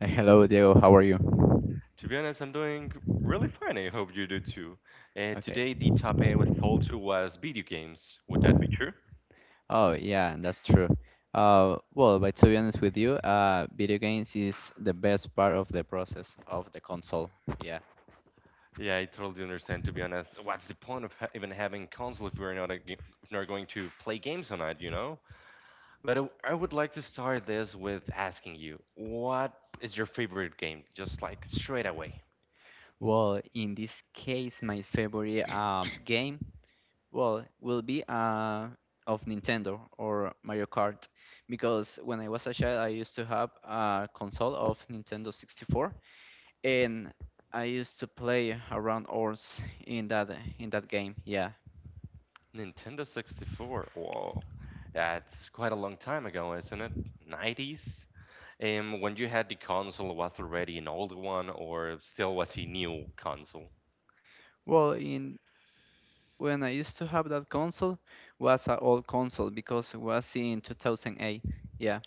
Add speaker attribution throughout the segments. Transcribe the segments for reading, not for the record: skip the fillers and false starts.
Speaker 1: Hey, hello, Diego. How are you? Okay. Oh, yeah, that's true. But to be honest with you, video games is the best part of the process of the console. Yeah. Well, in this case, my favorite game, well, will be of Nintendo or Mario Kart, because when I was a child, I used to have a console of Nintendo 64, and I used to play around hours in that in that game. Yeah. Well, in when I used to have that console was an old console because it was in 2008. Yeah.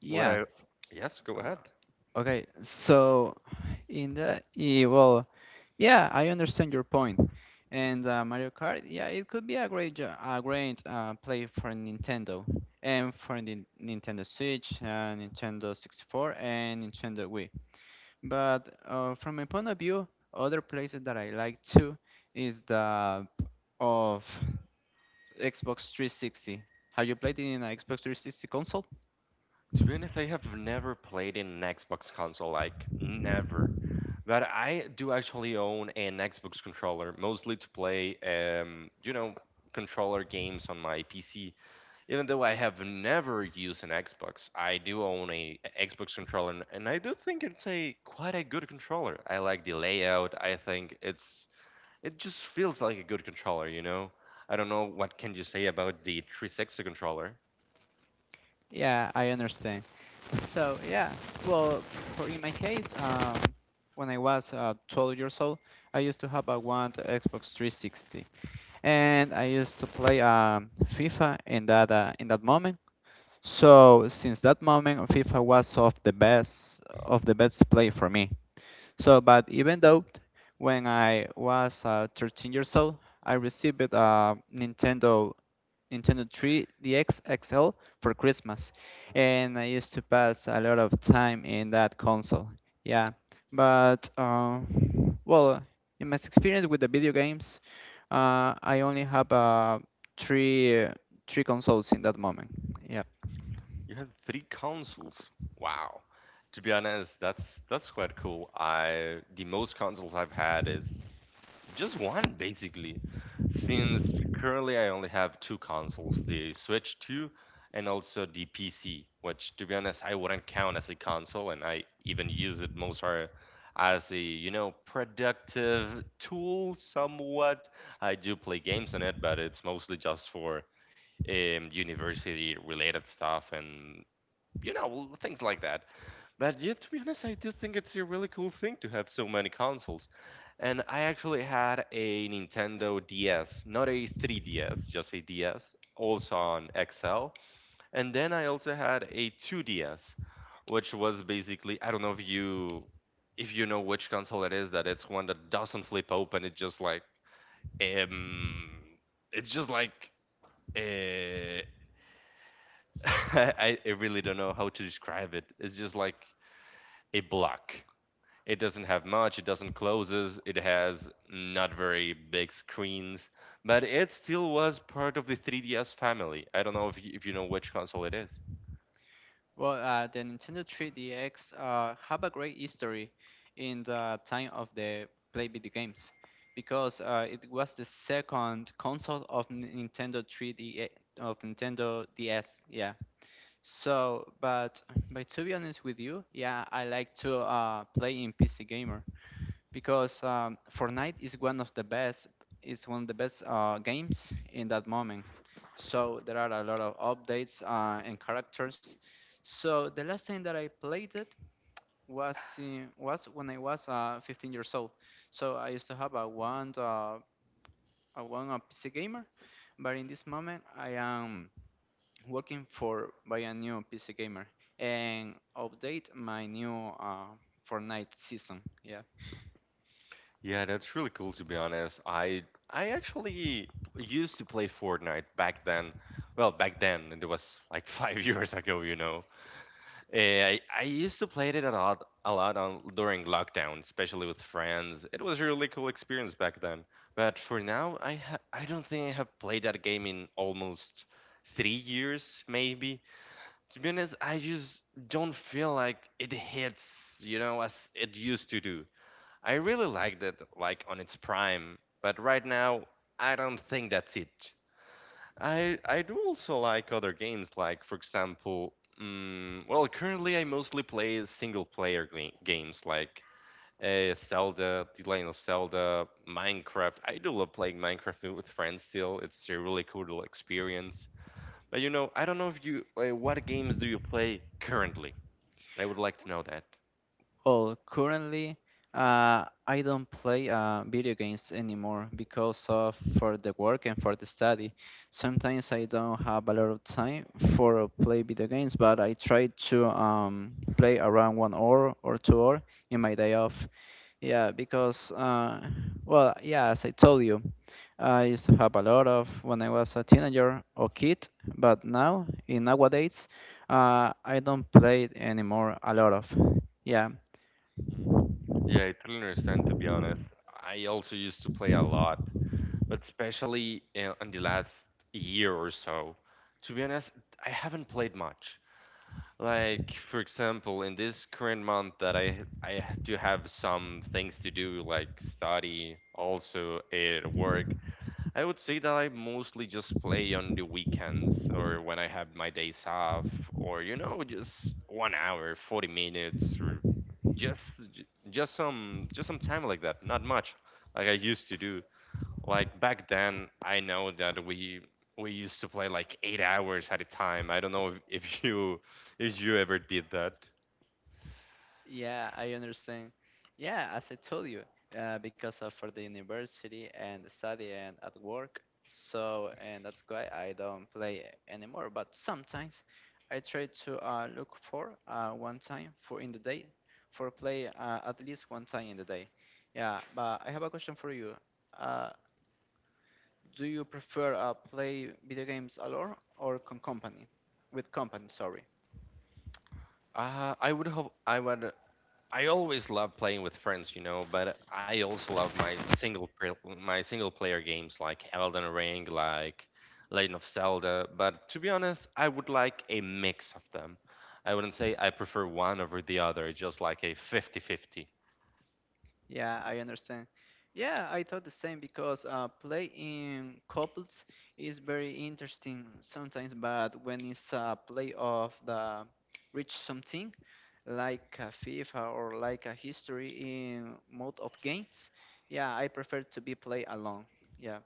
Speaker 1: Yeah. Okay. So in the well, yeah, I understand your point. And Mario Kart, yeah, it could be a great a great play for Nintendo and for the Nintendo Switch, Nintendo 64 and Nintendo Wii. But from my point of view, other places that I like too is the of Xbox 360. Have you played it in an Xbox 360 console? Yeah, I understand. So yeah, well, for in my case, when I was 12 years old, I used to have a one Xbox 360, and I used to play FIFA in that moment. So since that moment, FIFA was of the best play for me. So, but even though when I was 13 years old, I received a Nintendo 3DX XL for Christmas, and I used to pass a lot of time in that console. Yeah, but well, in my experience with the video games, I only have three three consoles in that moment. Yeah. Well, the Nintendo 3DX have a great history in the time of the play video games because it was the second console of Nintendo 3D of Nintendo DS. Yeah. So, but to be honest with you, yeah, I like to play in PC gamer because Fortnite is one of the best games in that moment. So there are a lot of updates and characters. So the last time that I played it was when I was 15 years old. So I used to have a PC gamer, but in this moment I am working for by a new PC gamer and update my new Fortnite season. Yeah. Well, currently, I don't play video games anymore because of for the work and for the study. Sometimes I don't have a lot of time for play video games, but I try to play around 1 hour or 2 hour in my day off. Yeah, because well, yeah, as I told you, I used to have a lot of when I was a teenager or kid, but now in nowadays, I don't play anymore a lot of. Yeah, yeah, I understand. Yeah, as I told you, because of for the university and study and at work, so and that's why I don't play anymore. But sometimes I try to look for one time for in the day for play at least one time in the day. Yeah, but I have a question for you. Uh, do you prefer play video games alone or con company? With company, sorry. Yeah, I understand. Yeah, I thought the same because play in couples is very interesting sometimes, but when it's a play of the reach something like a FIFA or like a history in mode of games, yeah, I prefer to be play alone. Yeah.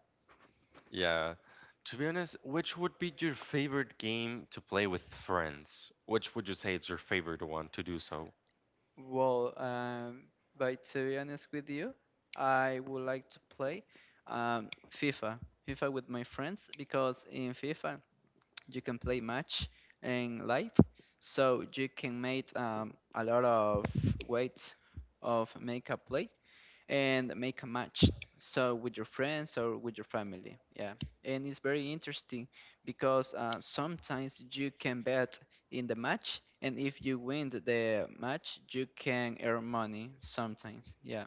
Speaker 1: Well, but to be honest with you, I would like to play um, FIFA, FIFA with my friends, because in FIFA you can play match in live, so you can make a lot of ways of make a play and make a match, so with your friends or with your family. Yeah, and it's very interesting because sometimes you can bet in the match, and if you win the match you can earn money sometimes. Yeah,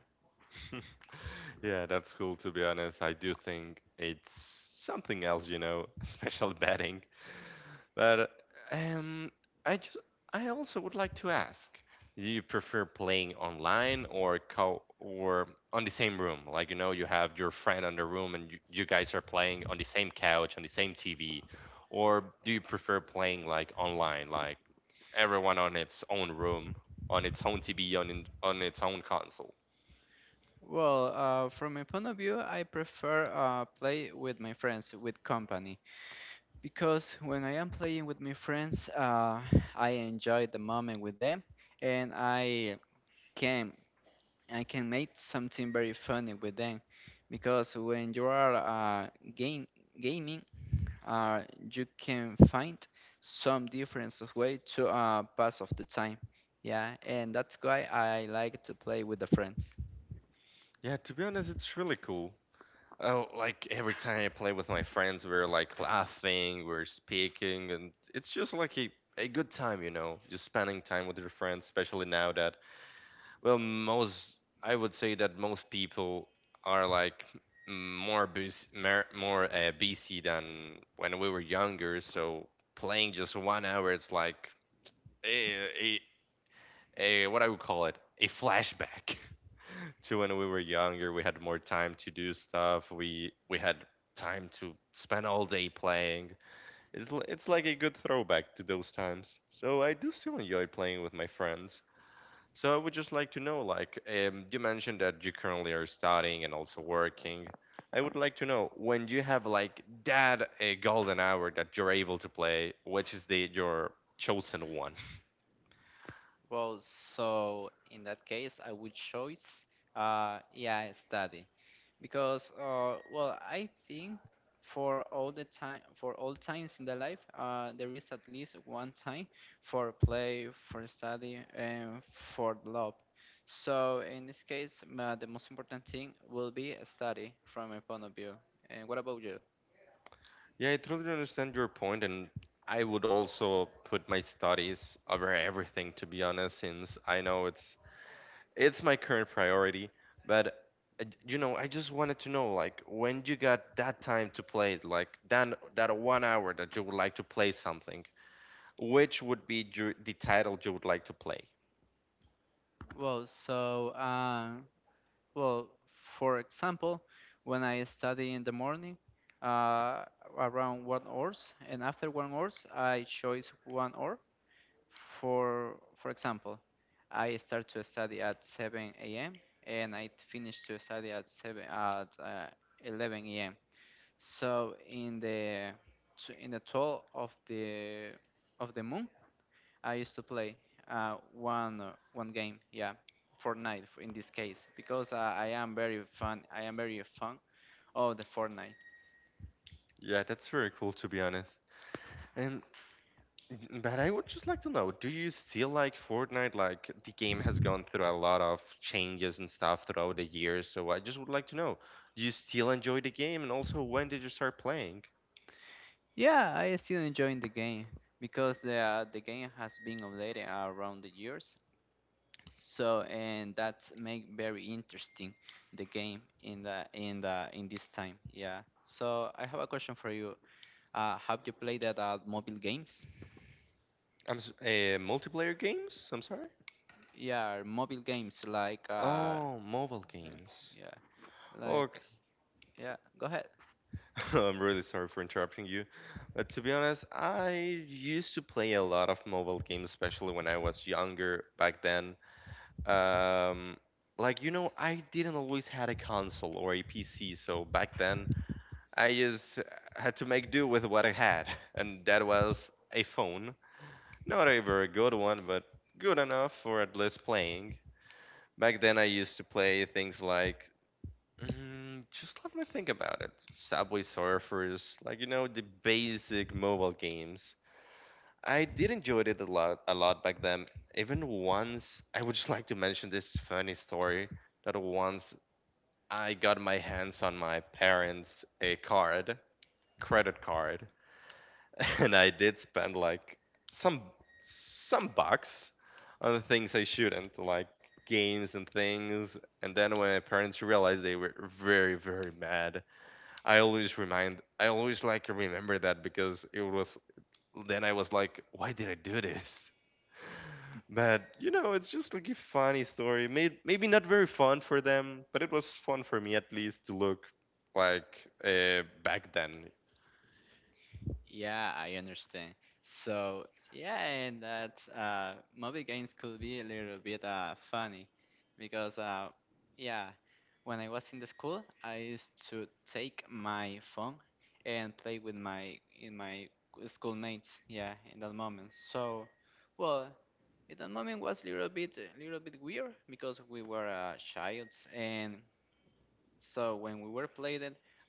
Speaker 1: well, from my point of view, I prefer play with my friends, with company, because when I am playing with my friends, I enjoy the moment with them, and can I can make something very funny with them, because when you are game gaming, uh, you can find some different of way to pass of the time. Yeah, and that's why I like to play with the friends. Well, so in that case, I would choose, yeah, study, because well, I think for all the time for all times in the life, there is at least one time for play, for study, and for love. So in this case, ma the most important thing will be a study from my point of view. And what about you? Well, so well, for example, when I study in the morning, uh, around 1 hours, and after 1 hours I choose 1 hour. For example, I start to study at 7 a.m. and I finish to study at 7 at 11 a.m. So in the in the toll of the moon, I used to play one game, yeah, Fortnite in this case, because I am very fun. I am very fun of the Fortnite. Yeah, I still enjoying the game because the the game has been updated around the years. So and that's make very interesting the game in this time. Yeah. So I have a question for you. Have you played that mobile games? Yeah, mobile games like yeah, like yeah. Go ahead. Yeah, I understand. So yeah, and that mobile games could be a little bit funny because yeah, when I was in the school, I used to take my phone and play with my in my schoolmates. Yeah, in that moment. So well, in that moment was a little bit weird because we were childs, and so when we were playing,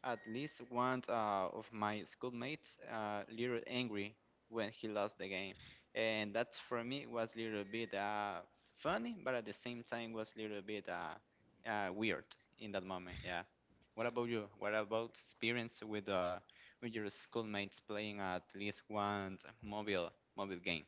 Speaker 1: at least one of my schoolmates little angry when he lost the game, and that for me was a little bit funny, but at the same time was a little bit weird in that moment. Yeah. What about you? What about experience with your schoolmates playing at least one mobile game?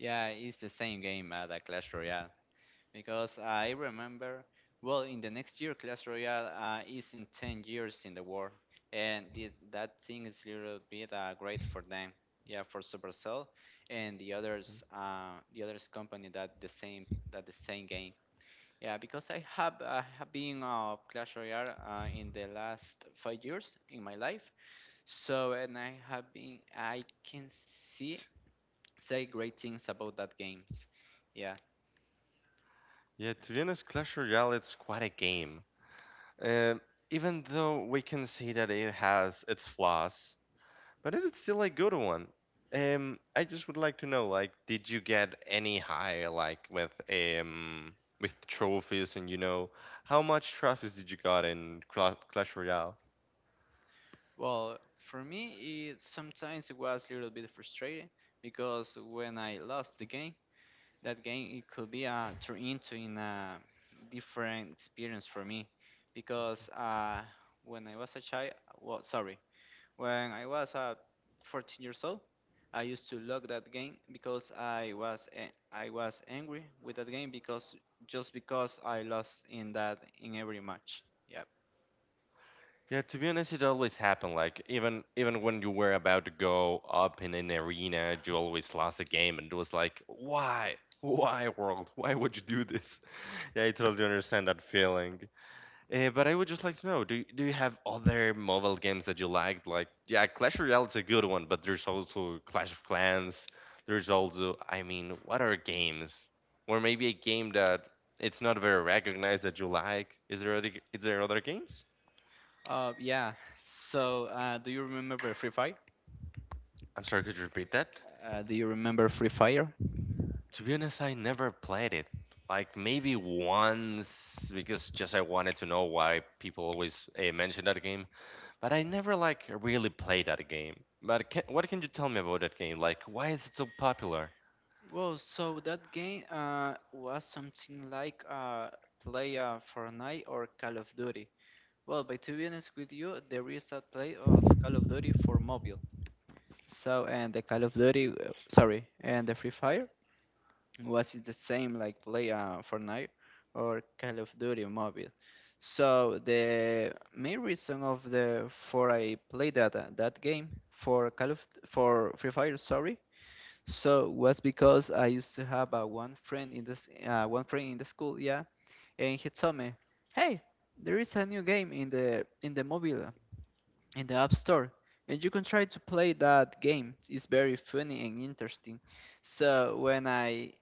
Speaker 1: Yeah, it's the same game, the Clash Royale, because I remember, well, in the next year, Clash Royale is in 10 years in the world, and the, that thing is a little bit great for them. Yeah, for Supercell and the others company, that the same, that the same game. Yeah, because I have been Clash Royale in the last 5 years in my life, so and I have been, I can see, say great things about that games. Yeah. Well, for me, it, sometimes it was a little bit frustrating because when I lost the game, that game it could be turned into in a different experience for me, because when I was a child, well, sorry, when I was 14 years old, I used to log that game because I was I was angry with that game, because just because I lost in that in every match. Yep. Yeah. So, do you remember Free Fire? Do you remember Free Fire? Well, so that game was something like play Fortnite or Call of Duty. Well, but to be honest with you, there is a play of Call of Duty for mobile. So, and the Call of Duty, sorry, and the Free Fire was it the same like play Fortnite or Call of Duty mobile. So the main reason of the for I play that that game for Call of for Free Fire, sorry, so was because I used to have a one friend in this one friend in the school, yeah, and he told me, "Hey, there is a new game in the mobile in the app store, and you can try to play that game. It's very funny and interesting." So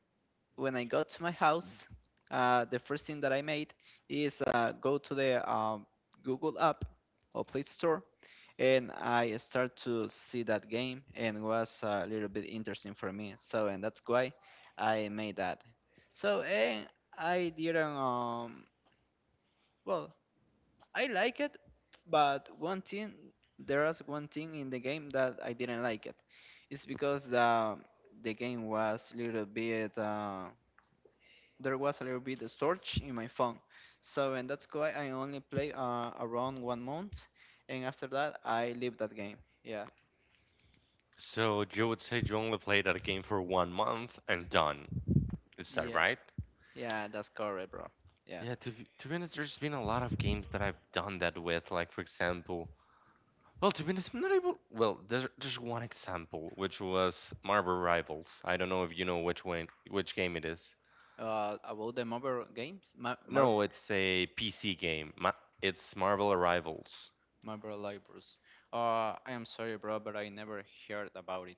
Speaker 1: when I got to my house, the first thing that I made is go to the Google app or Play Store, and I start to see that game and was a little bit interesting for me. So and that's why I made that. So and I didn't well, I like it, but one thing there was one thing in the game that I didn't like it. It's because the game was little bit, there was a little bit of storage in my phone. So and that's why I only play around 1 month, and after that I leave that game. Yeah. Yeah, yeah, that's correct, bro. Yeah. About the mobile games, Marble Libraries. I am sorry, bro, but I never heard about it.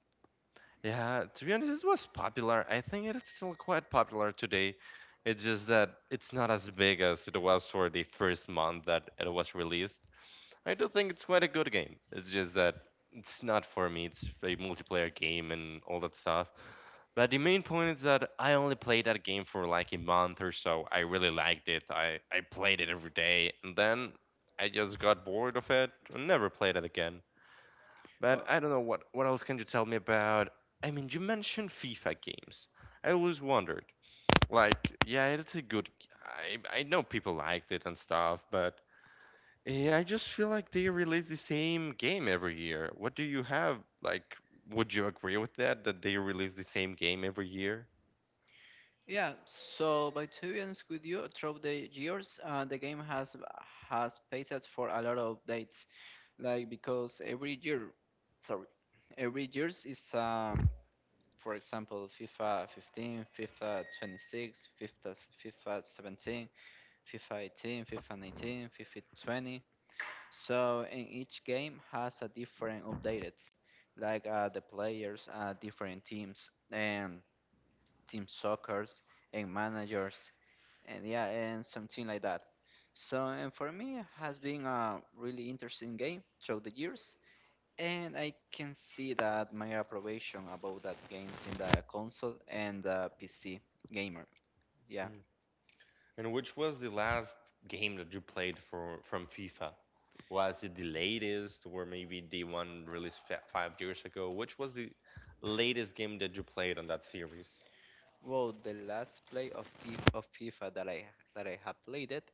Speaker 1: Uh, yeah. So, by to be honest with you, throughout the years, the game has passed for a lot of updates. Like because every year, sorry, every years is for example, FIFA 15, FIFA 26, FIFA 17, FIFA 18, FIFA 19, FIFA 20. So in each game has a different updates, like the players, different teams, and team soccer's and managers, and yeah, and something like that. So and for me, it has been a really interesting game through the years, and I can see that my approbation about that games in the console and the PC gamer. Yeah. Well, the last play of FIFA that I have played it,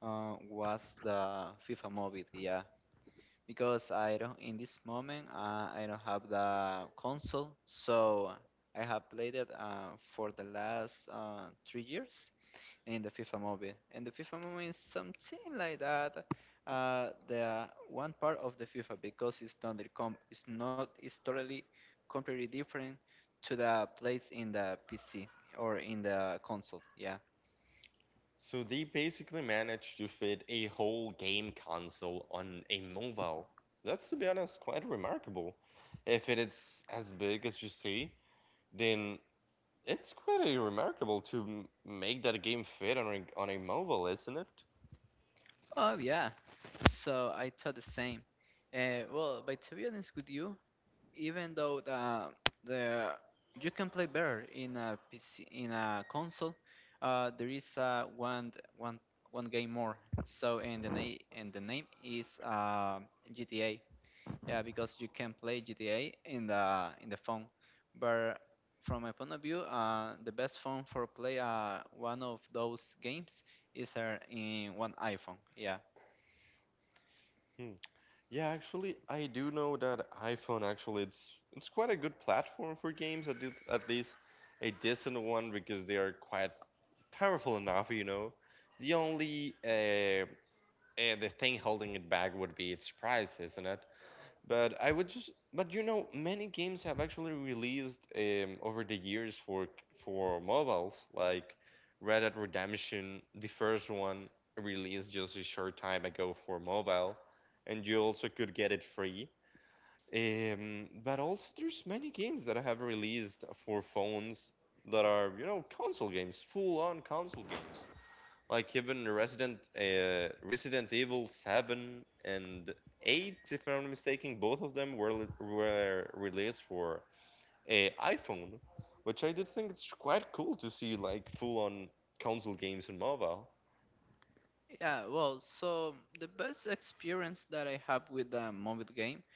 Speaker 1: Was the FIFA Mobile, yeah. Because I don't in this moment I don't have the console, so I have played it for the last 3 years in the FIFA Mobile. And the FIFA Mobile is something like that. The one part of the FIFA because it's not it's totally completely different to the place in the PC or in the console. Yeah. Oh yeah. So I thought the same. Well, but to be honest with you, even though the you can play better in a PC in a console, there is one one game more. So and the name is GTA. Yeah, because you can play GTA in the phone. But from my point of view, the best phone for play one of those games is in one iPhone. Yeah. Yeah, well, so the best experience that I have with the mobile game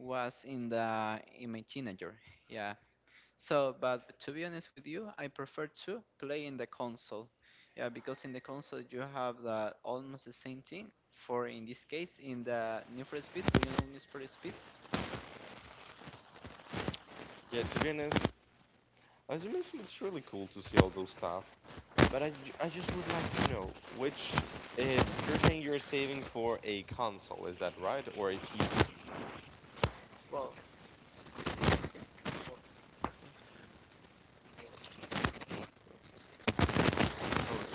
Speaker 1: was in the in my teenager. Yeah. So, but to be honest with you, I prefer to play in the console. Yeah, because in the console you have the almost the same thing. For in this case, in the Need for Speed, do you know Need for Speed? Well, for, well,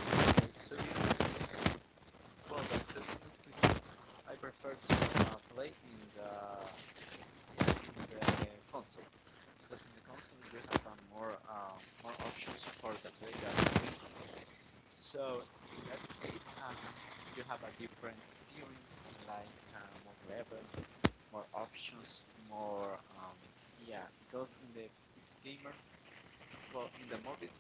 Speaker 1: to be honest, well, but To be honest with you, I prefer to play in the yeah, in the console. Because in the console you have more more options for the playground. So in that case, you have a different experience, like more levels, more options, more um, yeah. Because in the PC gamer, well, in the mobile,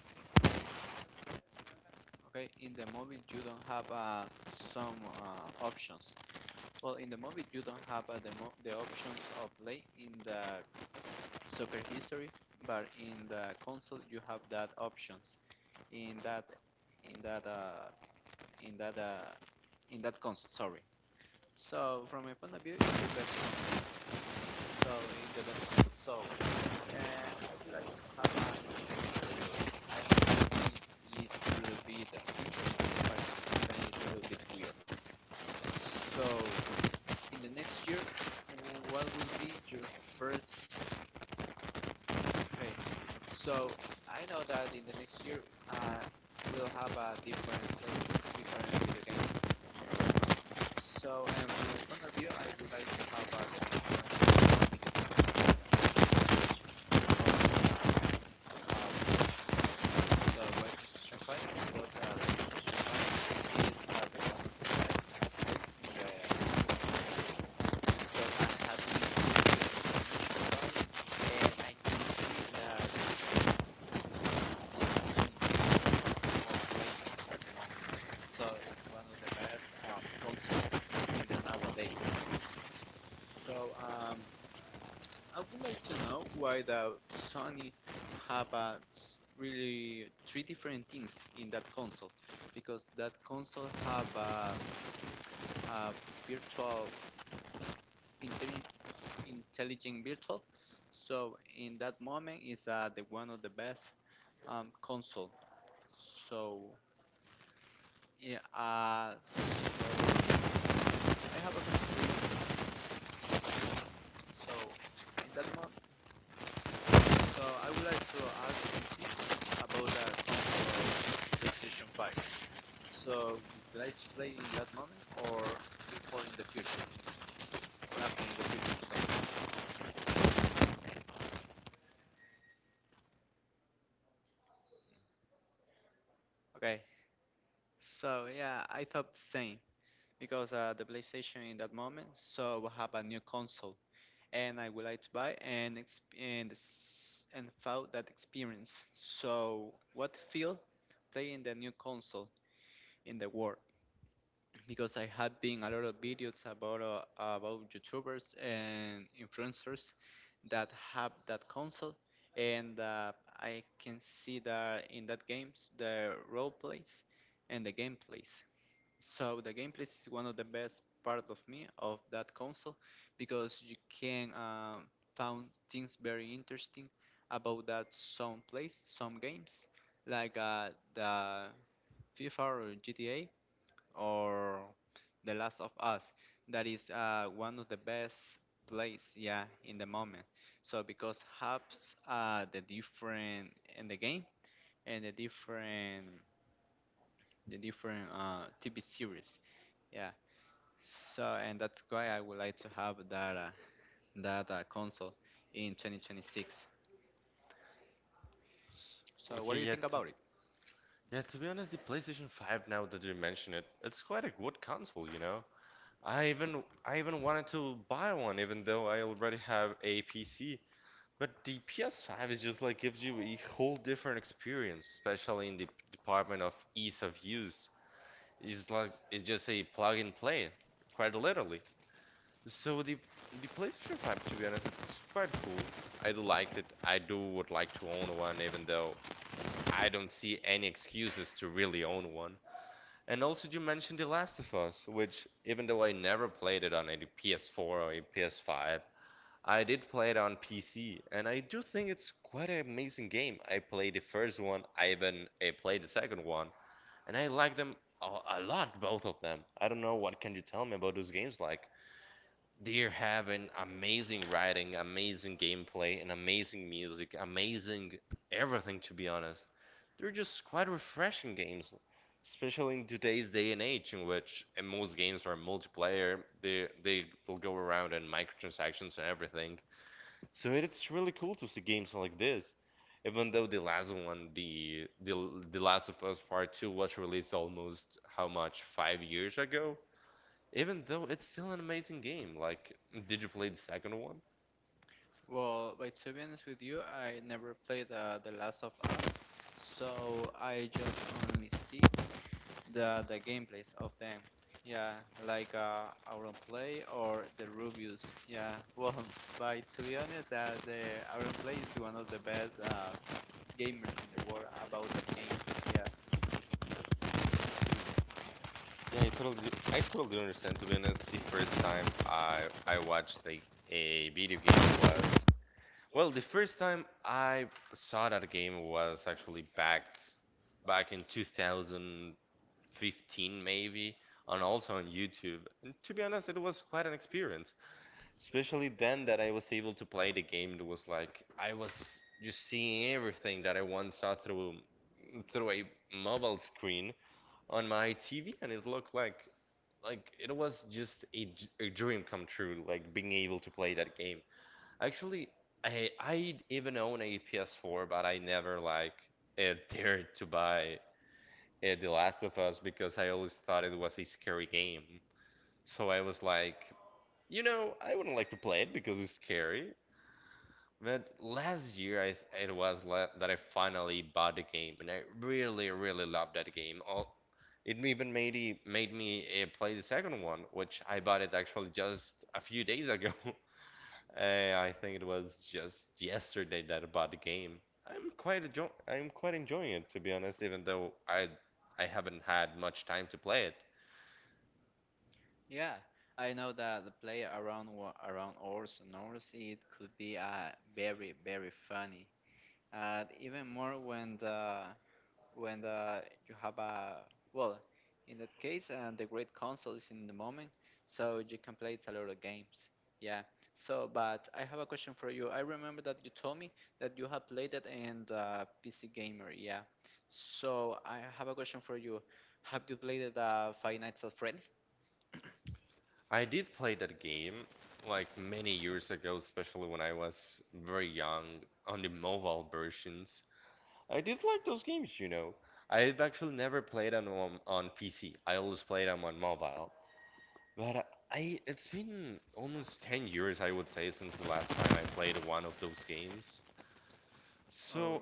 Speaker 1: okay, in the mobile you don't have some options. Well, in the mobile you don't have the options of play in the soccer history, but in the console you have that options. In that in that in that in that console. Sorry. So from my point of view, it's the best console. So it's the best console. So uh, have a- I think it's a little bit participant is a little bit weird. So in the next year, what will be your first trade? So I know that in the next year, uh, we'll have a different place, different video games. So, in front of you, I would like to have a um, the web registration file because the registration file is the one that's so I have the registration file and I can see that so it's one of the best consoles in the nowadays. So I would like to know why the Sony have a really three different things in that console because that console have a virtual intelli- intelligent virtual so in that moment is the one of the best console so yeah so I have a question so in that moment. So I would like to ask about the console PlayStation 5. So did I play in that moment or before in the future? Or after in the future? Sorry. Okay, so yeah, I thought the same because the PlayStation in that moment, so we have a new console, and I would like to buy and felt that experience. So what feel playing the new console in the world? Because I have been a lot of videos about YouTubers and influencers that have that console, and I can see that in that games the role plays and the gameplays. So the gameplays is one of the best part of me of that console because you can found things very interesting about that some plays some games like the FIFA or GTA or The Last of Us. That is one of the best plays, yeah, in the moment. So because has the different in the game and the different TV series, yeah. So and that's why I would like to have that that console in 2026. So what do you think about it? Well, but to be honest with you, I never played The Last of Us, so I just only see the gameplays of them. Yeah, like Auron Play or the Rubius. Yeah, well, but to be honest, the Auron Play is one of the best gamers in the world about that game. Yeah, yeah. I know that the play around around ours and ours it could be very very funny. Even more when the when you have a well in that case the great console is in the moment so you can play a lot of games, yeah. So but I have a question for you. I remember that you told me that you have played it in PC gamer, yeah. So I have a question for you. Have you played it, five nights at freddy? Oh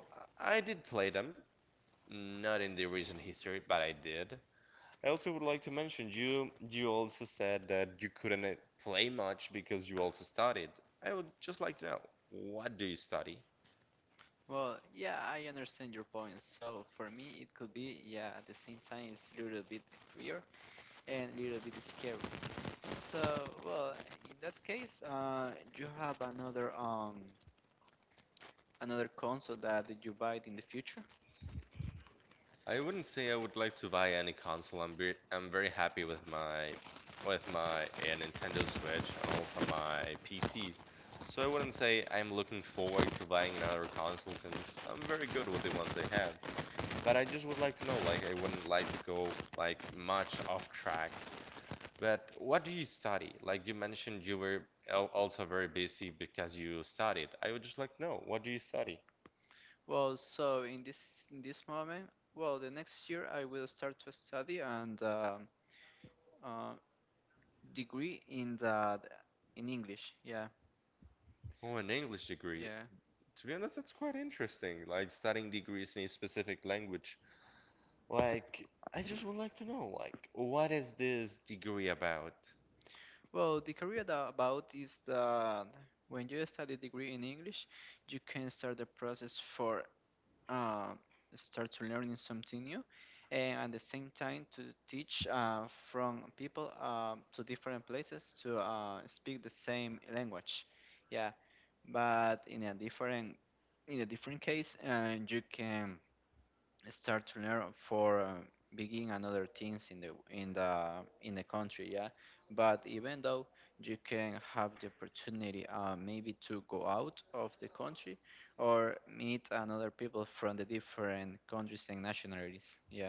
Speaker 1: well yeah, I understand your point. So for me it could be yeah at the same time it's a little bit weird and a little bit scary. So, well, in that case, you have another another console that you buy in the future. Well, so in this moment, well, the next year I will start to study and uh, degree in the in English. Yeah, yeah. Well, the career that about is that when you study degree in English, you can start the process for uh, start to learning something new and at the same time to teach from people to different places to speak the same language, yeah. But in a different case you can start to learn for begin another things in the country, yeah. But even though you can have the opportunity maybe to go out of the country or meet another people from the different countries and nationalities, yeah.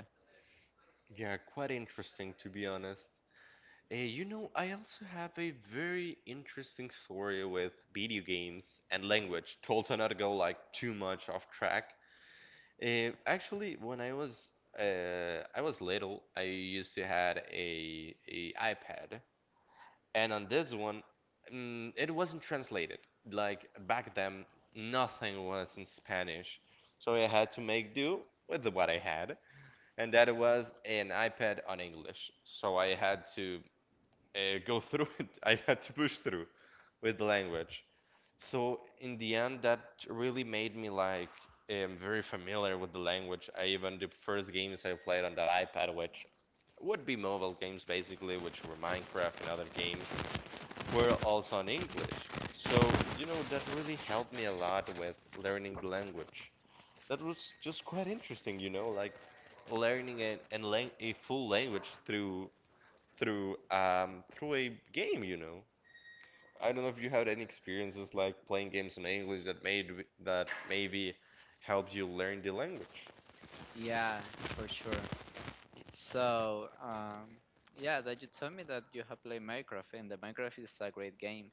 Speaker 1: Yeah, for sure. So yeah that you told me that you have played Minecraft and the Minecraft is a great game.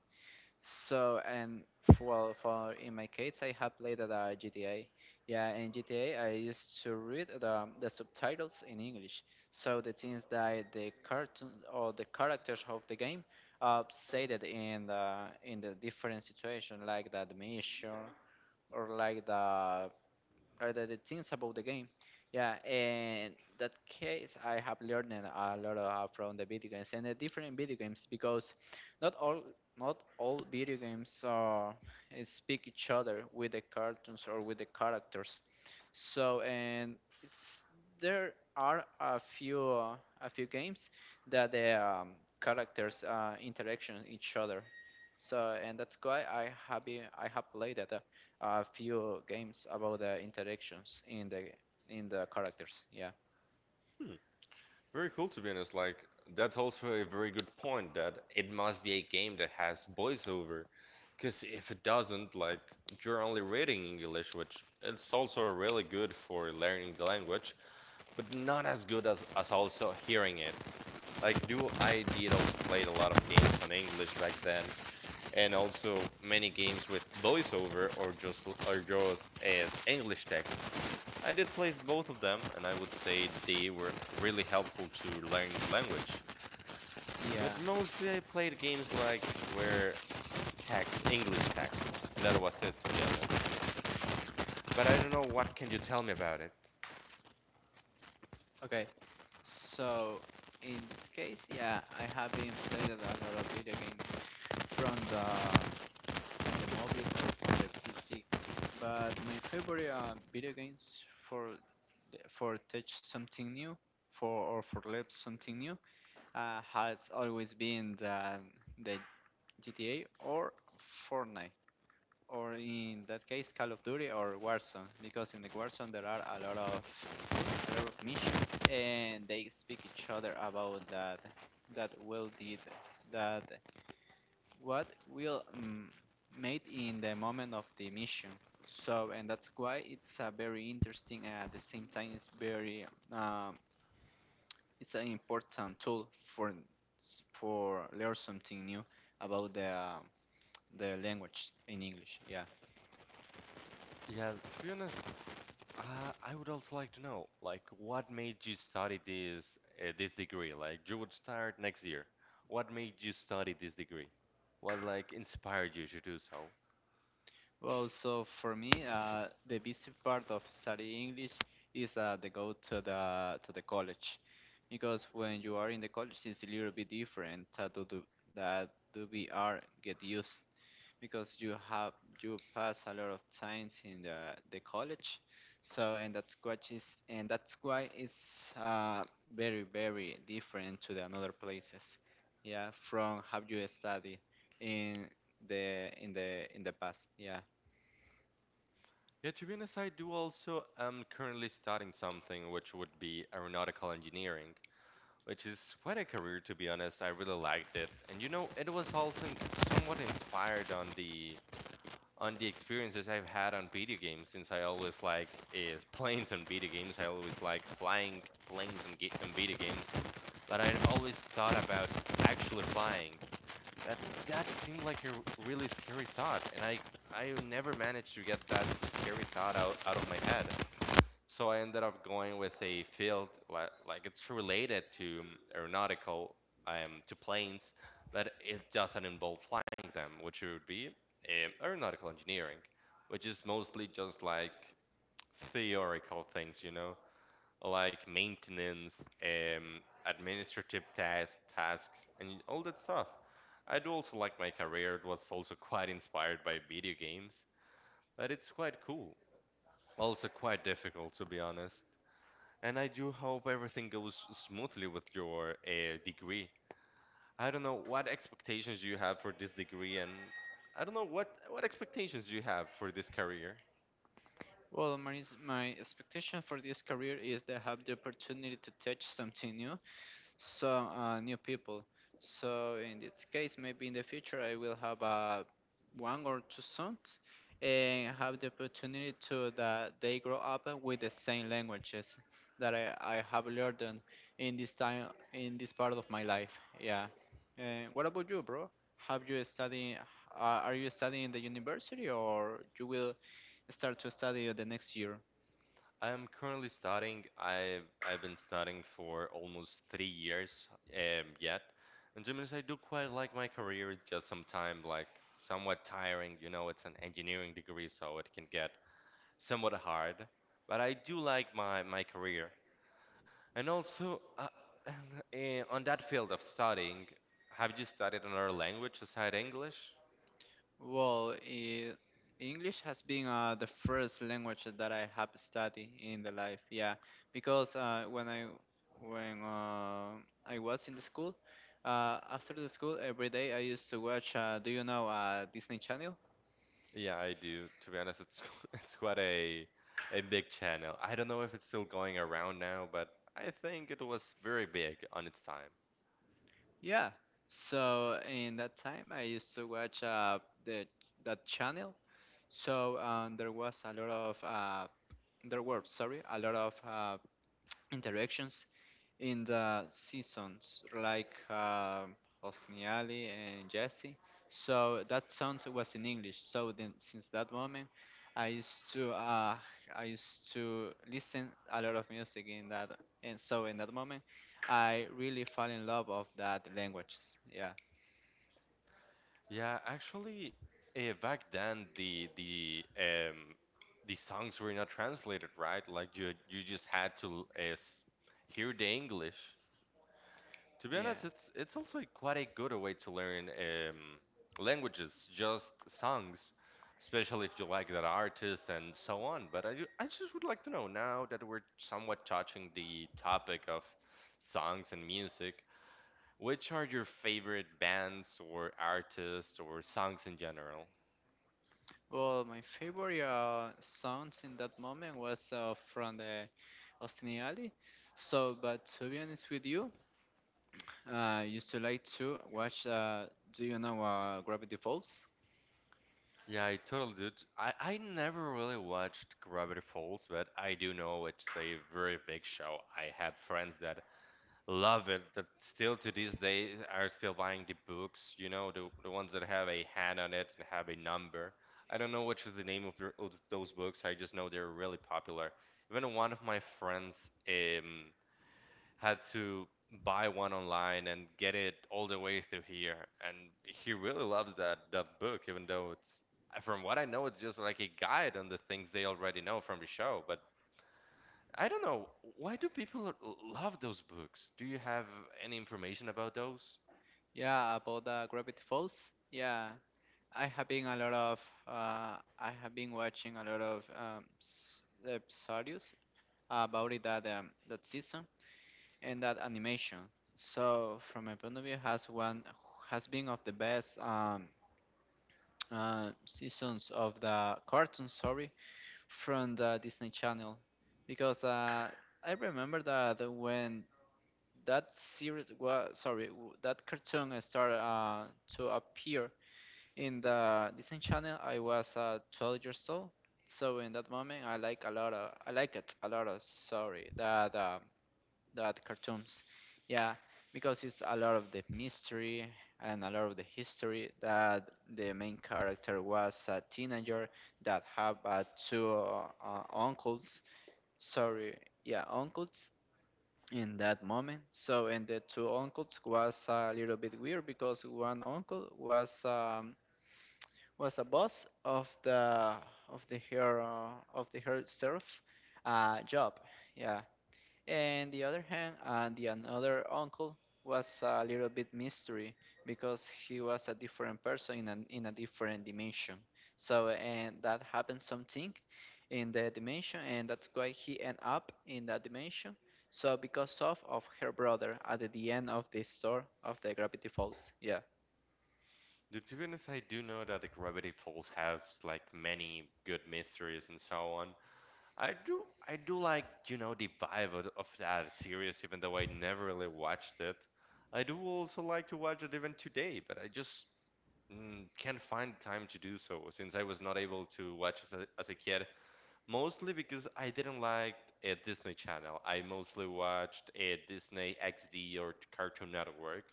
Speaker 1: So and well, for in my case, I have played at GTA. Yeah, in GTA, I used to read the subtitles in English. So the things that the cartoon or the characters of the game said it in the different situation, like the mission or like the or the, the things about the game. Yeah, and that case I have learned a lot from the video games and the different video games because not all not all video games speak each other with the cartoons or with the characters. So and it's there are a few games that the characters interaction each other. So and that's why I have been, I have played it a few games about the interactions in the characters. Yeah. Yeah. Okay. So in this case, yeah, I have been played a lot of video games from the from the mobile or from the PC. But my favorite video games for for touch something new, for or for learn something new, has always been the GTA or Fortnite. Or in that case Call of Duty or Warzone because in the Warzone there are a lot of missions and they speak each other about that that will did that what will made in the moment of the mission. So and that's why it's a very interesting and at the same time it's very um, it's an important tool for learn something new about the language in English, yeah.
Speaker 2: Yeah, to be honest, I would also like to know, like, what made you study this degree? Like, you would start next year. What made you study this degree? What like inspired you to do so?
Speaker 1: Well, so for me, the busy part of studying English is the go to the college, because when you are in the college, it's a little bit different. That to do- that do We are get used because you have you pass a lot of times in the college, so and that's what is and that's why it's very very different to the another places. Yeah, from how you study in the past. Yeah.
Speaker 2: Yeah, to be honest, I do also am currently studying something which would be aeronautical engineering, which is quite a career to be honest. I really liked it, and you know, it was also somewhat inspired on the experiences I've had on video games since I always like is planes on video games. I always like flying planes on, on video games, but I always thought about actually flying. That that seemed like a really scary thought, and I never managed to get that scary thought out of my head. So I ended up going with a field like it's related to aeronautical to planes, but it doesn't involve flying them, which would be aeronautical engineering, which is mostly just like theoretical things, you know, like maintenance, administrative tasks, and all that stuff. I do also like my career. It was also quite inspired by video games, but it's quite cool. Also quite difficult, to be honest. And I do hope everything goes smoothly with your degree. I don't know what expectations you have for this degree, and I don't know what expectations you have for this career.
Speaker 1: Well, my expectation for this career is to have the opportunity to teach something new, some new people. So in this case, maybe in the future I will have one or two sons and have the opportunity to that they grow up with the same languages that I have learned in this time in this part of my life. Yeah. And what about you, bro? Have you studying? Are you studying in the university or you will start to study the next year?
Speaker 2: I am currently studying. I've been studying for almost 3 years yet, and to be honest, I do quite like my career. It's just sometimes like somewhat tiring. You know, it's an engineering degree, so it can get somewhat hard. But I do like my career. And also, on that field of studying, have you studied another language aside English?
Speaker 1: Well, I English has been the first language that I have studied in the life. Yeah, because when I was in the school, after the school every day I used to watch. Do you know Disney Channel?
Speaker 2: Yeah, I do. To be honest, it's it's quite a big channel. I don't know if it's still going around now, but I think it was very big on its time.
Speaker 1: Yeah. So in that time I used to watch the that channel. So there was a lot of there were sorry a lot of interactions in the seasons like Hosni Ali and Jesse. So that song was in English. So then since that moment, I used to uh, I used to listen a lot of music in that. And so in that moment, I really fell in love of that languages. Yeah,
Speaker 2: Yeah, actually, back then the songs were not translated, right? Like you just had to hear the English. To be
Speaker 1: yeah.
Speaker 2: honest, it's also quite a good way to learn languages, just songs, especially if you like that artist and so on. But I just would like to know now that we're somewhat touching the topic of songs and music, which are your favorite bands or artists or songs in general?
Speaker 1: Well, my favorite songs in that moment was from the Hosni Ali. So, but to be honest with you, I used to like to watch. Do you know Gravity Falls?
Speaker 2: Yeah, I totally do. I never really watched Gravity Falls, but I do know it's a very big show. I had friends that Love it that still to these days are still buying the books, you know, the ones that have a hand on it and have a number. I don't know which is the name of, the, of those books. I just know they're really popular. Even one of my friends had to buy one online and get it all the way through here, and he really loves that book, even though it's from what I know, it's just like a guide on the things they already know from the show, but I don't know. Why do people love those books? Do you have any information about those?
Speaker 1: Yeah, about Gravity Falls. Yeah, I have been a lot of. I have been watching a lot of episodes about it that that season and that animation. So from my point of view, has been of the best seasons of the cartoon. Sorry, from the Disney Channel, because I remember that when that series was that cartoon started to appear in the Disney Channel. I was 12 years old, so in that moment I like it a lot of sorry that that cartoons, yeah, because it's a lot of the mystery and a lot of the history that the main character was a teenager that have two uncles, sorry, yeah, uncles in that moment. So, and the two uncles was a little bit weird because one uncle was a boss of the her of the herself job, yeah. And the other hand, and the another uncle was a little bit mystery because he was a different person in in a different dimension. So and that happened something in the dimension, and that's why he end up in that dimension. So because of her brother at the end of the story of the Gravity Falls, yeah.
Speaker 2: The to be honest, I do know that the Gravity Falls has like many good mysteries and so on. I do like, you know, the vibe of that series, even though I never really watched it. I do also like to watch it even today, but I just can't find time to do so since I was not able to watch as as a kid. Mostly because I didn't like a Disney Channel. I mostly watched a Disney XD or Cartoon Network.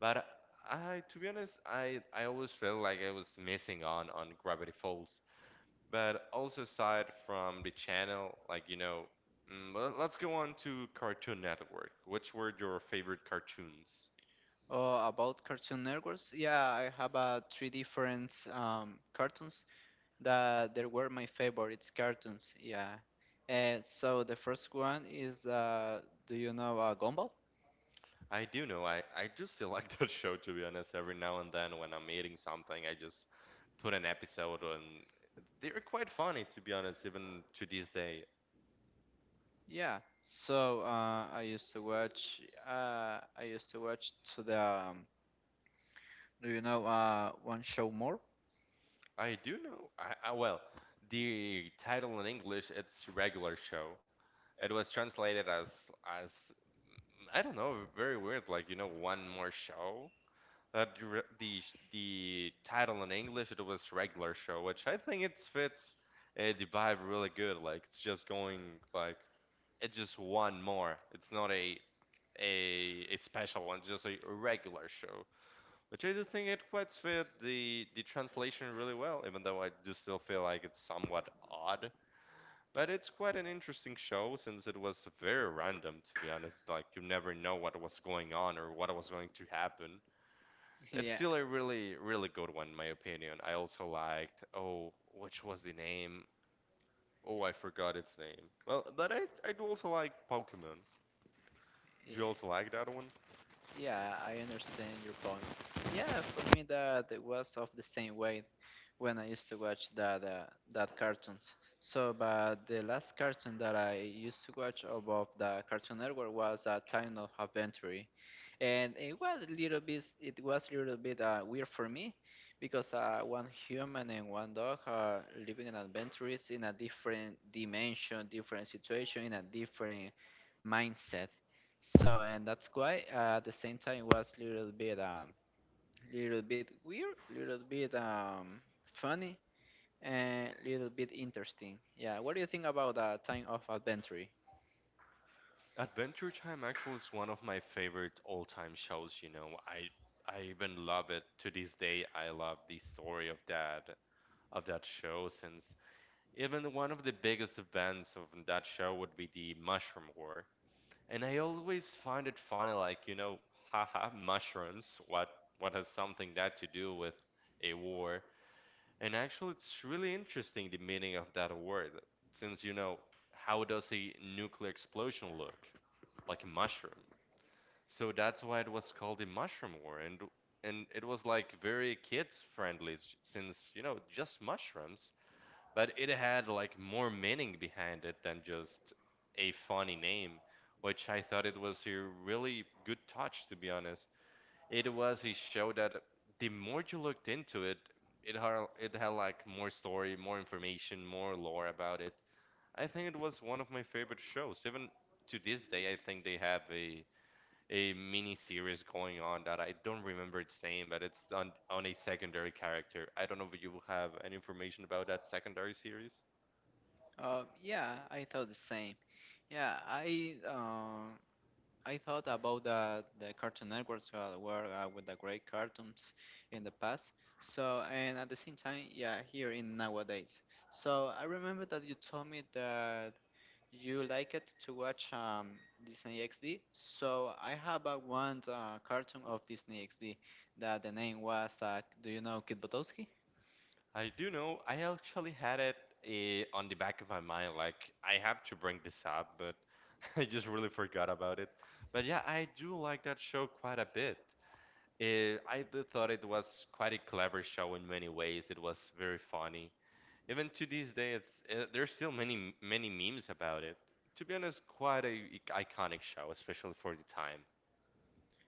Speaker 2: But I, to be honest, I always felt like I was missing on Gravity Falls. But also aside from the channel, like you know, well, let's go on to Cartoon Network. Which were your favorite cartoons?
Speaker 1: Oh, about Cartoon Networks, yeah, I have three different cartoons that there were my favorites cartoons. Yeah. And so the first one is do you know Gumball?
Speaker 2: I do know. I do still like that show, to be honest. Every now and then, when I'm eating something, I just put an episode, and they're quite funny, to be honest, even to this day.
Speaker 1: Yeah. So I used to watch to the do you know one show more?
Speaker 2: I do know. I well, the title in English, it's Regular Show. It was translated as as I don't know, very weird, like you know, one more show. The the title in English, it was Regular Show, which I think it fits the vibe really good. Like it's just going like It's just one more. It's not a special one, just a regular show. Which I do think it quite fit the translation really well, even though I do still feel like it's somewhat odd. But it's quite an interesting show since it was very random, to be honest. Like you never know what was going on or what was going to happen.
Speaker 1: Yeah.
Speaker 2: It's still a really, really good one, in my opinion. I also liked, oh, which was the name? Oh, I forgot its name. Well, but I do also like Pokemon.
Speaker 1: Yeah.
Speaker 2: Do you also like that one?
Speaker 1: Yeah, I understand your point. Yeah, for me that it was of the same way. When I used to watch that that cartoons. So, but the last cartoon that I used to watch above the Cartoon Network was Time of Adventure, and it was a little bit weird for me because one human and one dog are living an adventures in a different dimension, different situation, in a different mindset. So, and that's why at the same time it was a little bit weird, little bit funny, and little bit interesting. Yeah, what do you think about Time of Adventure?
Speaker 2: Adventure Time actually is one of my favorite all-time shows, you know. I even love it to this day. I love the story of that show since even one of the biggest events of that show would be the Mushroom War. And I always find it funny, like, you know, haha, mushrooms, what has something that to do with a war? And actually it's really interesting the meaning of that word, since you know, how does a nuclear explosion look? Like a mushroom. So that's why it was called the Mushroom War, and it was like very kids friendly since, you know, just mushrooms, but it had like more meaning behind it than just a funny name, which I thought it was a really good touch, to be honest. It was a show that the more you looked into it, it had like more story, more information, more lore about it. I think it was one of my favorite shows. Even to this day, I think they have a mini series going on that I don't remember its name, but it's on a secondary character. I don't know if you have any information about that secondary series.
Speaker 1: Yeah, I thought the same. Yeah, I thought about the Cartoon Networks were with the great cartoons in the past. So and at the same time, yeah, here in nowadays. So I remember that you told me that you like it to watch Disney XD. So I have a one cartoon of Disney XD that the name was, do you know Kid Butowski?
Speaker 2: I do know I actually had it on the back of my mind, like I have to bring this up, but I just really forgot about it. But yeah, I do like that show quite a bit. I thought it was quite a clever show in many ways. It was very funny. Even to this day, it's there's still many many memes about it. To be honest, quite a iconic show, especially for the time.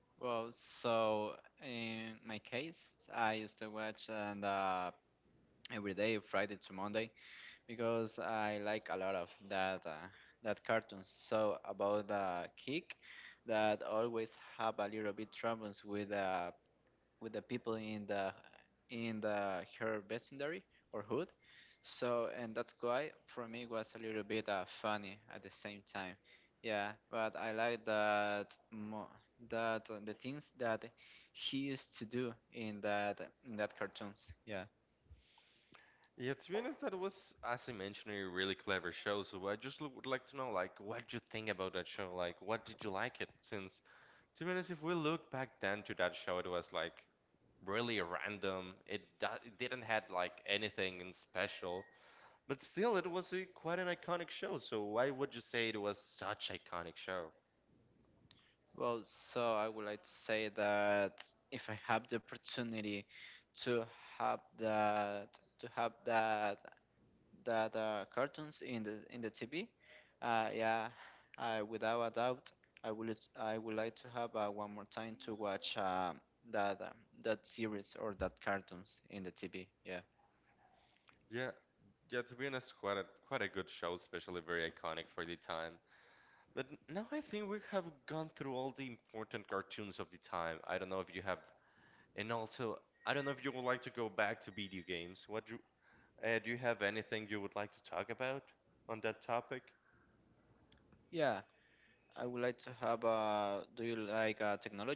Speaker 1: Well, so in my case, I used to watch and every day, Friday to Monday, because I like a lot of that that cartoon. So about the kick, that always have a little bit troubles with the people in the her vicinity or hood. So and that's why for me it was a little bit funny at the same time. Yeah, but I like that the things that he used to do in that cartoons. Yeah.
Speaker 2: Yeah, to be honest, that was, as I mentioned, a really clever show. So I just would like to know, like, what did you think about that show? Like, what did you like it? Since, to be honest, if we look back then to that show, it was like really random. It it didn't had like anything in special, but still, it was a quite an iconic show. So why would you say it was such iconic show?
Speaker 1: Well, so I would like to say that if I have the opportunity to to have that cartoons in the TV. Yeah, I, without a doubt, I would like to have one more time to watch that that series or that cartoons in the TV. Yeah,
Speaker 2: Yeah, yeah. To be honest, quite a good show, especially very iconic for the time. But now I think we have gone through all the important cartoons of the time. I don't know if you have, and also I don't know if you would like to go back to video games. What do do you have anything you would like to talk about on that topic?
Speaker 1: yeah. I would like to have. Do you like technology?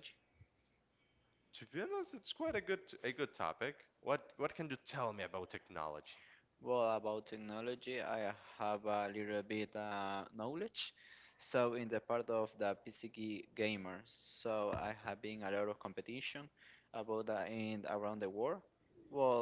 Speaker 2: To be honest, it's quite a good topic. What can you tell me about technology?
Speaker 1: Well, about technology, I have a little bit knowledge. So, in the part of the gamer, so I have been a lot of competition about the and around the world. Well,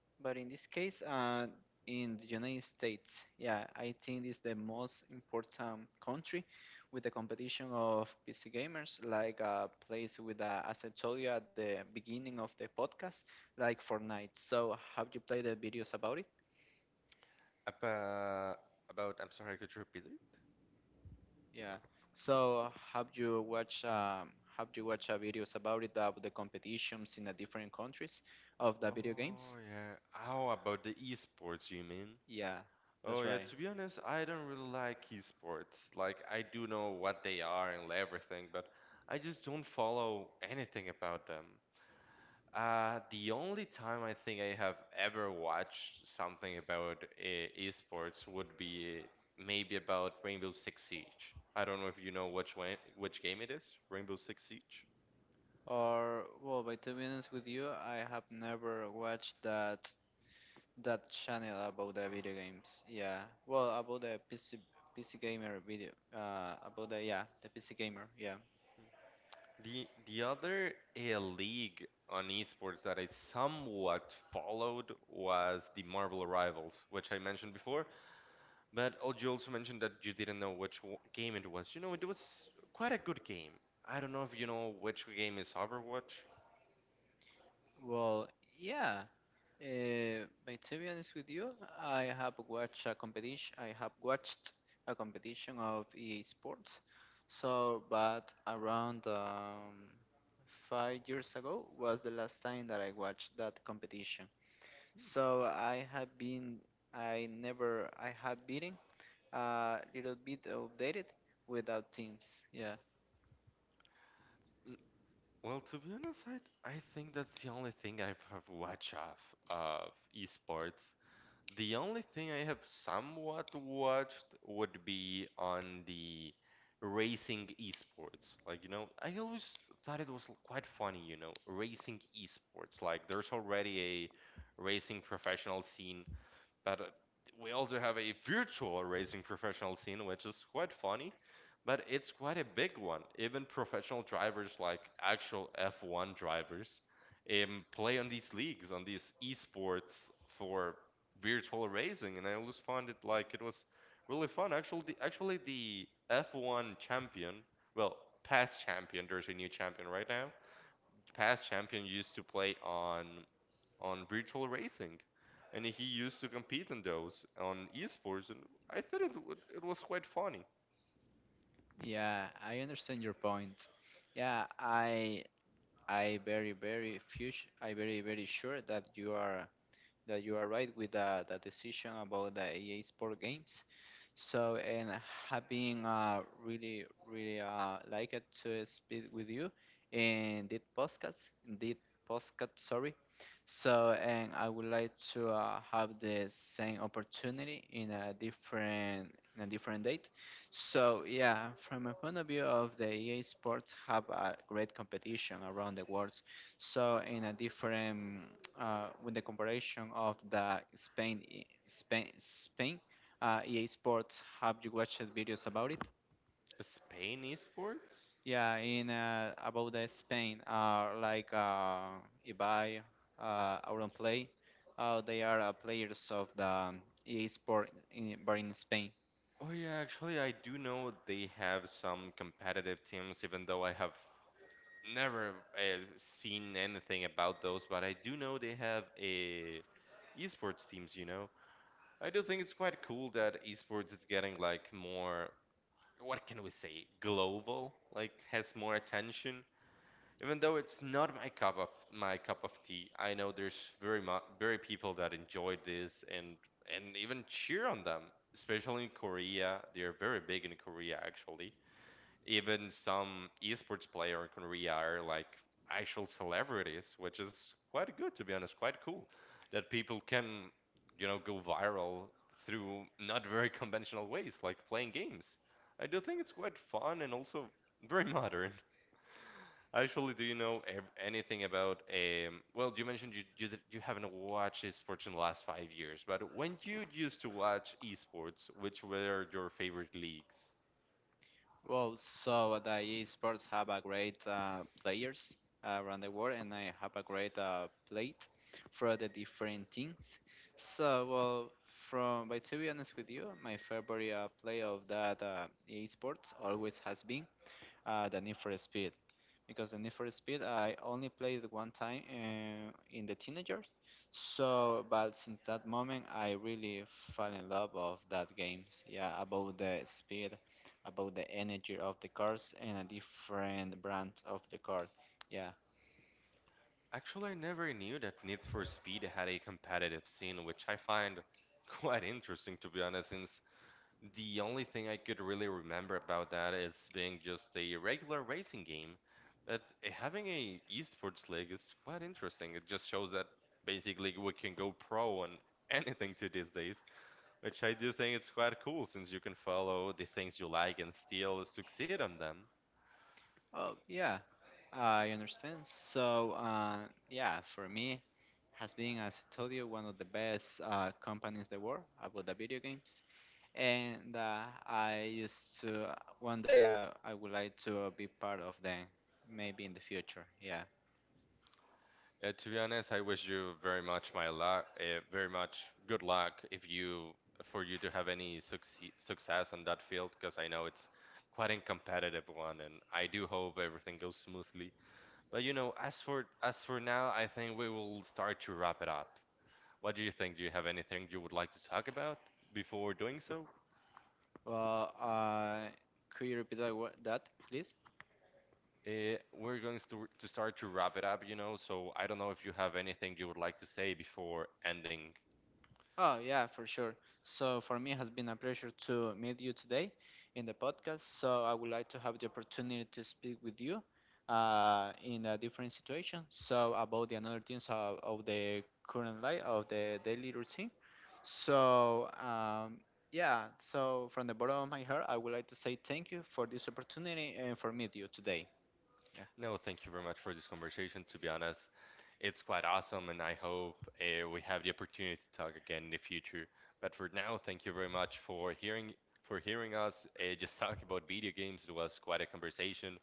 Speaker 1: but in this case, in the United States, yeah, I think it's the most important country with the competition of PC gamers, like a place with, as I told you at the beginning of the podcast, like Fortnite. So, have you played the videos about it?
Speaker 2: About I'm sorry, could you repeat it?
Speaker 1: Yeah. So have you watched videos about it about the competitions in the different countries of the video games?
Speaker 2: Oh yeah. How about the esports, you mean?
Speaker 1: Yeah, that's right.
Speaker 2: Oh yeah, to be honest, I don't really like esports. Like I do know what they are and everything, but I just don't follow anything about them. The only time I think I have ever watched something about esports would be maybe about Rainbow Six Siege. I don't know if you know which one, which game it is, Rainbow Six Siege.
Speaker 1: Or well, by to be honest with you, I have never watched that channel about the video games. Yeah. Well, about the PC gamer video. About the yeah the PC gamer. Yeah.
Speaker 2: The other league on esports that I somewhat followed was the Marvel Rivals, which I mentioned before. But oh, you also mentioned that you didn't know which game it was. You know, it was quite a good game. I don't know if you know which game is Overwatch.
Speaker 1: Well, yeah. But to be honest with you, I have watched a competition. I have watched a competition of EA Sports. So, but around 5 years ago was the last time that I watched that competition. So I never, I have been a little bit outdated without teams.
Speaker 2: Mm, Well, to be honest, I think that's the only thing I've have watched of esports. The only thing I have somewhat watched would be on the racing esports. I always thought it was quite funny, you know, racing esports. Like, there's already a racing professional scene but we also have a virtual racing professional scene, which is quite funny, but it's quite a big one. Even professional drivers, like actual F1 drivers, play on these leagues, on these esports for virtual racing, and I always found it like it was really fun. Actually, the F1 champion, well, past champion, there's a new champion right now. Past champion used to play on virtual racing, and he used to compete in those on esports, and I thought it w it was quite funny.
Speaker 1: Yeah, I understand your point. Yeah, I very very few I very very sure that you are right with the decision about the EA Sport games. So and having really really like it to speak with you in this podcast sorry. So and I would like to have the same opportunity in a different date. So yeah, from a point of view of the EA Sports have a great competition around the world. So in a different with the comparison of the Spain, Spain EA Sports. Have you watched videos about it?
Speaker 2: Spain esports?
Speaker 1: Yeah, in about the Spain are like Ibai, Auron Play. They are players of the EA Sport, in, but in Spain.
Speaker 2: Oh yeah, actually I do know they have some competitive teams, even though I have never seen anything about those, but I do know they have a esports teams, you know. I do think it's quite cool that esports is getting like more, what can we say, global, like has more attention. Even though it's not my cup of tea, I know there's very people that enjoy this and even cheer on them, especially in Korea. They are very big in Korea actually. Even some esports player in Korea are like actual celebrities, which is quite good to be honest, quite cool that people can, you know, go viral through not very conventional ways like playing games. I do think it's quite fun and also very modern. Actually, do you know anything about well, you mentioned you haven't watched esports in the last 5 years, but when you used to watch esports, which were your favorite leagues?
Speaker 1: Well, so the esports have a great players around the world, and I have a great plate for the different things. So, well, from but to be honest with you, my favorite play of that esports always has been the Need for Speed, because the Need for Speed I only played one time in the teenagers. So, but since that moment, I really fell in love of that games. Yeah, about the speed, about the energy of the cars, and a different brand of the car. Yeah.
Speaker 2: Actually, I never knew that Need for Speed had a competitive scene, which I find quite interesting to be honest, since the only thing I could really remember about that is being just a regular racing game, but having a esports league is quite interesting. It just shows that basically we can go pro on anything to these days, which I do think it's quite cool since you can follow the things you like and still succeed on them.
Speaker 1: Oh, yeah. I understand. So, yeah, for me, has been, as I told you, one of the best companies in the world about the video games. And I used to one day I would like to be part of them, maybe in the future. Yeah.
Speaker 2: Yeah, to be honest, I wish you very much my luck, very much good luck if you for you to have any success on that field, because I know it's quite a competitive one, and I do hope everything goes smoothly. But you know, as for now, I think we will start to wrap it up. What do you think? Do you have anything you would like to talk about before doing so?
Speaker 1: Well, could you repeat that please?
Speaker 2: We're going to start to wrap it up, you know, so I don't know if you have anything you would like to say before ending.
Speaker 1: Oh yeah, for sure. So for me, it has been a pleasure to meet you today in the podcast. So I would like to have the opportunity to speak with you in a different situation. So about the another things of the current life of the daily routine. So, yeah, so from the bottom of my heart, I would like to say thank you for this opportunity and for meet you today. Yeah.
Speaker 2: No, thank you very much for this conversation. To be honest, it's quite awesome, and I hope we have the opportunity to talk again in the future. But for now, thank you very much for hearing us just talk about video games. It was quite a conversation.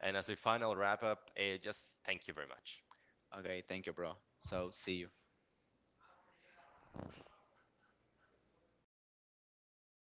Speaker 2: And as a final wrap up, just thank you very much.
Speaker 1: Okay, thank you, bro. So, see you.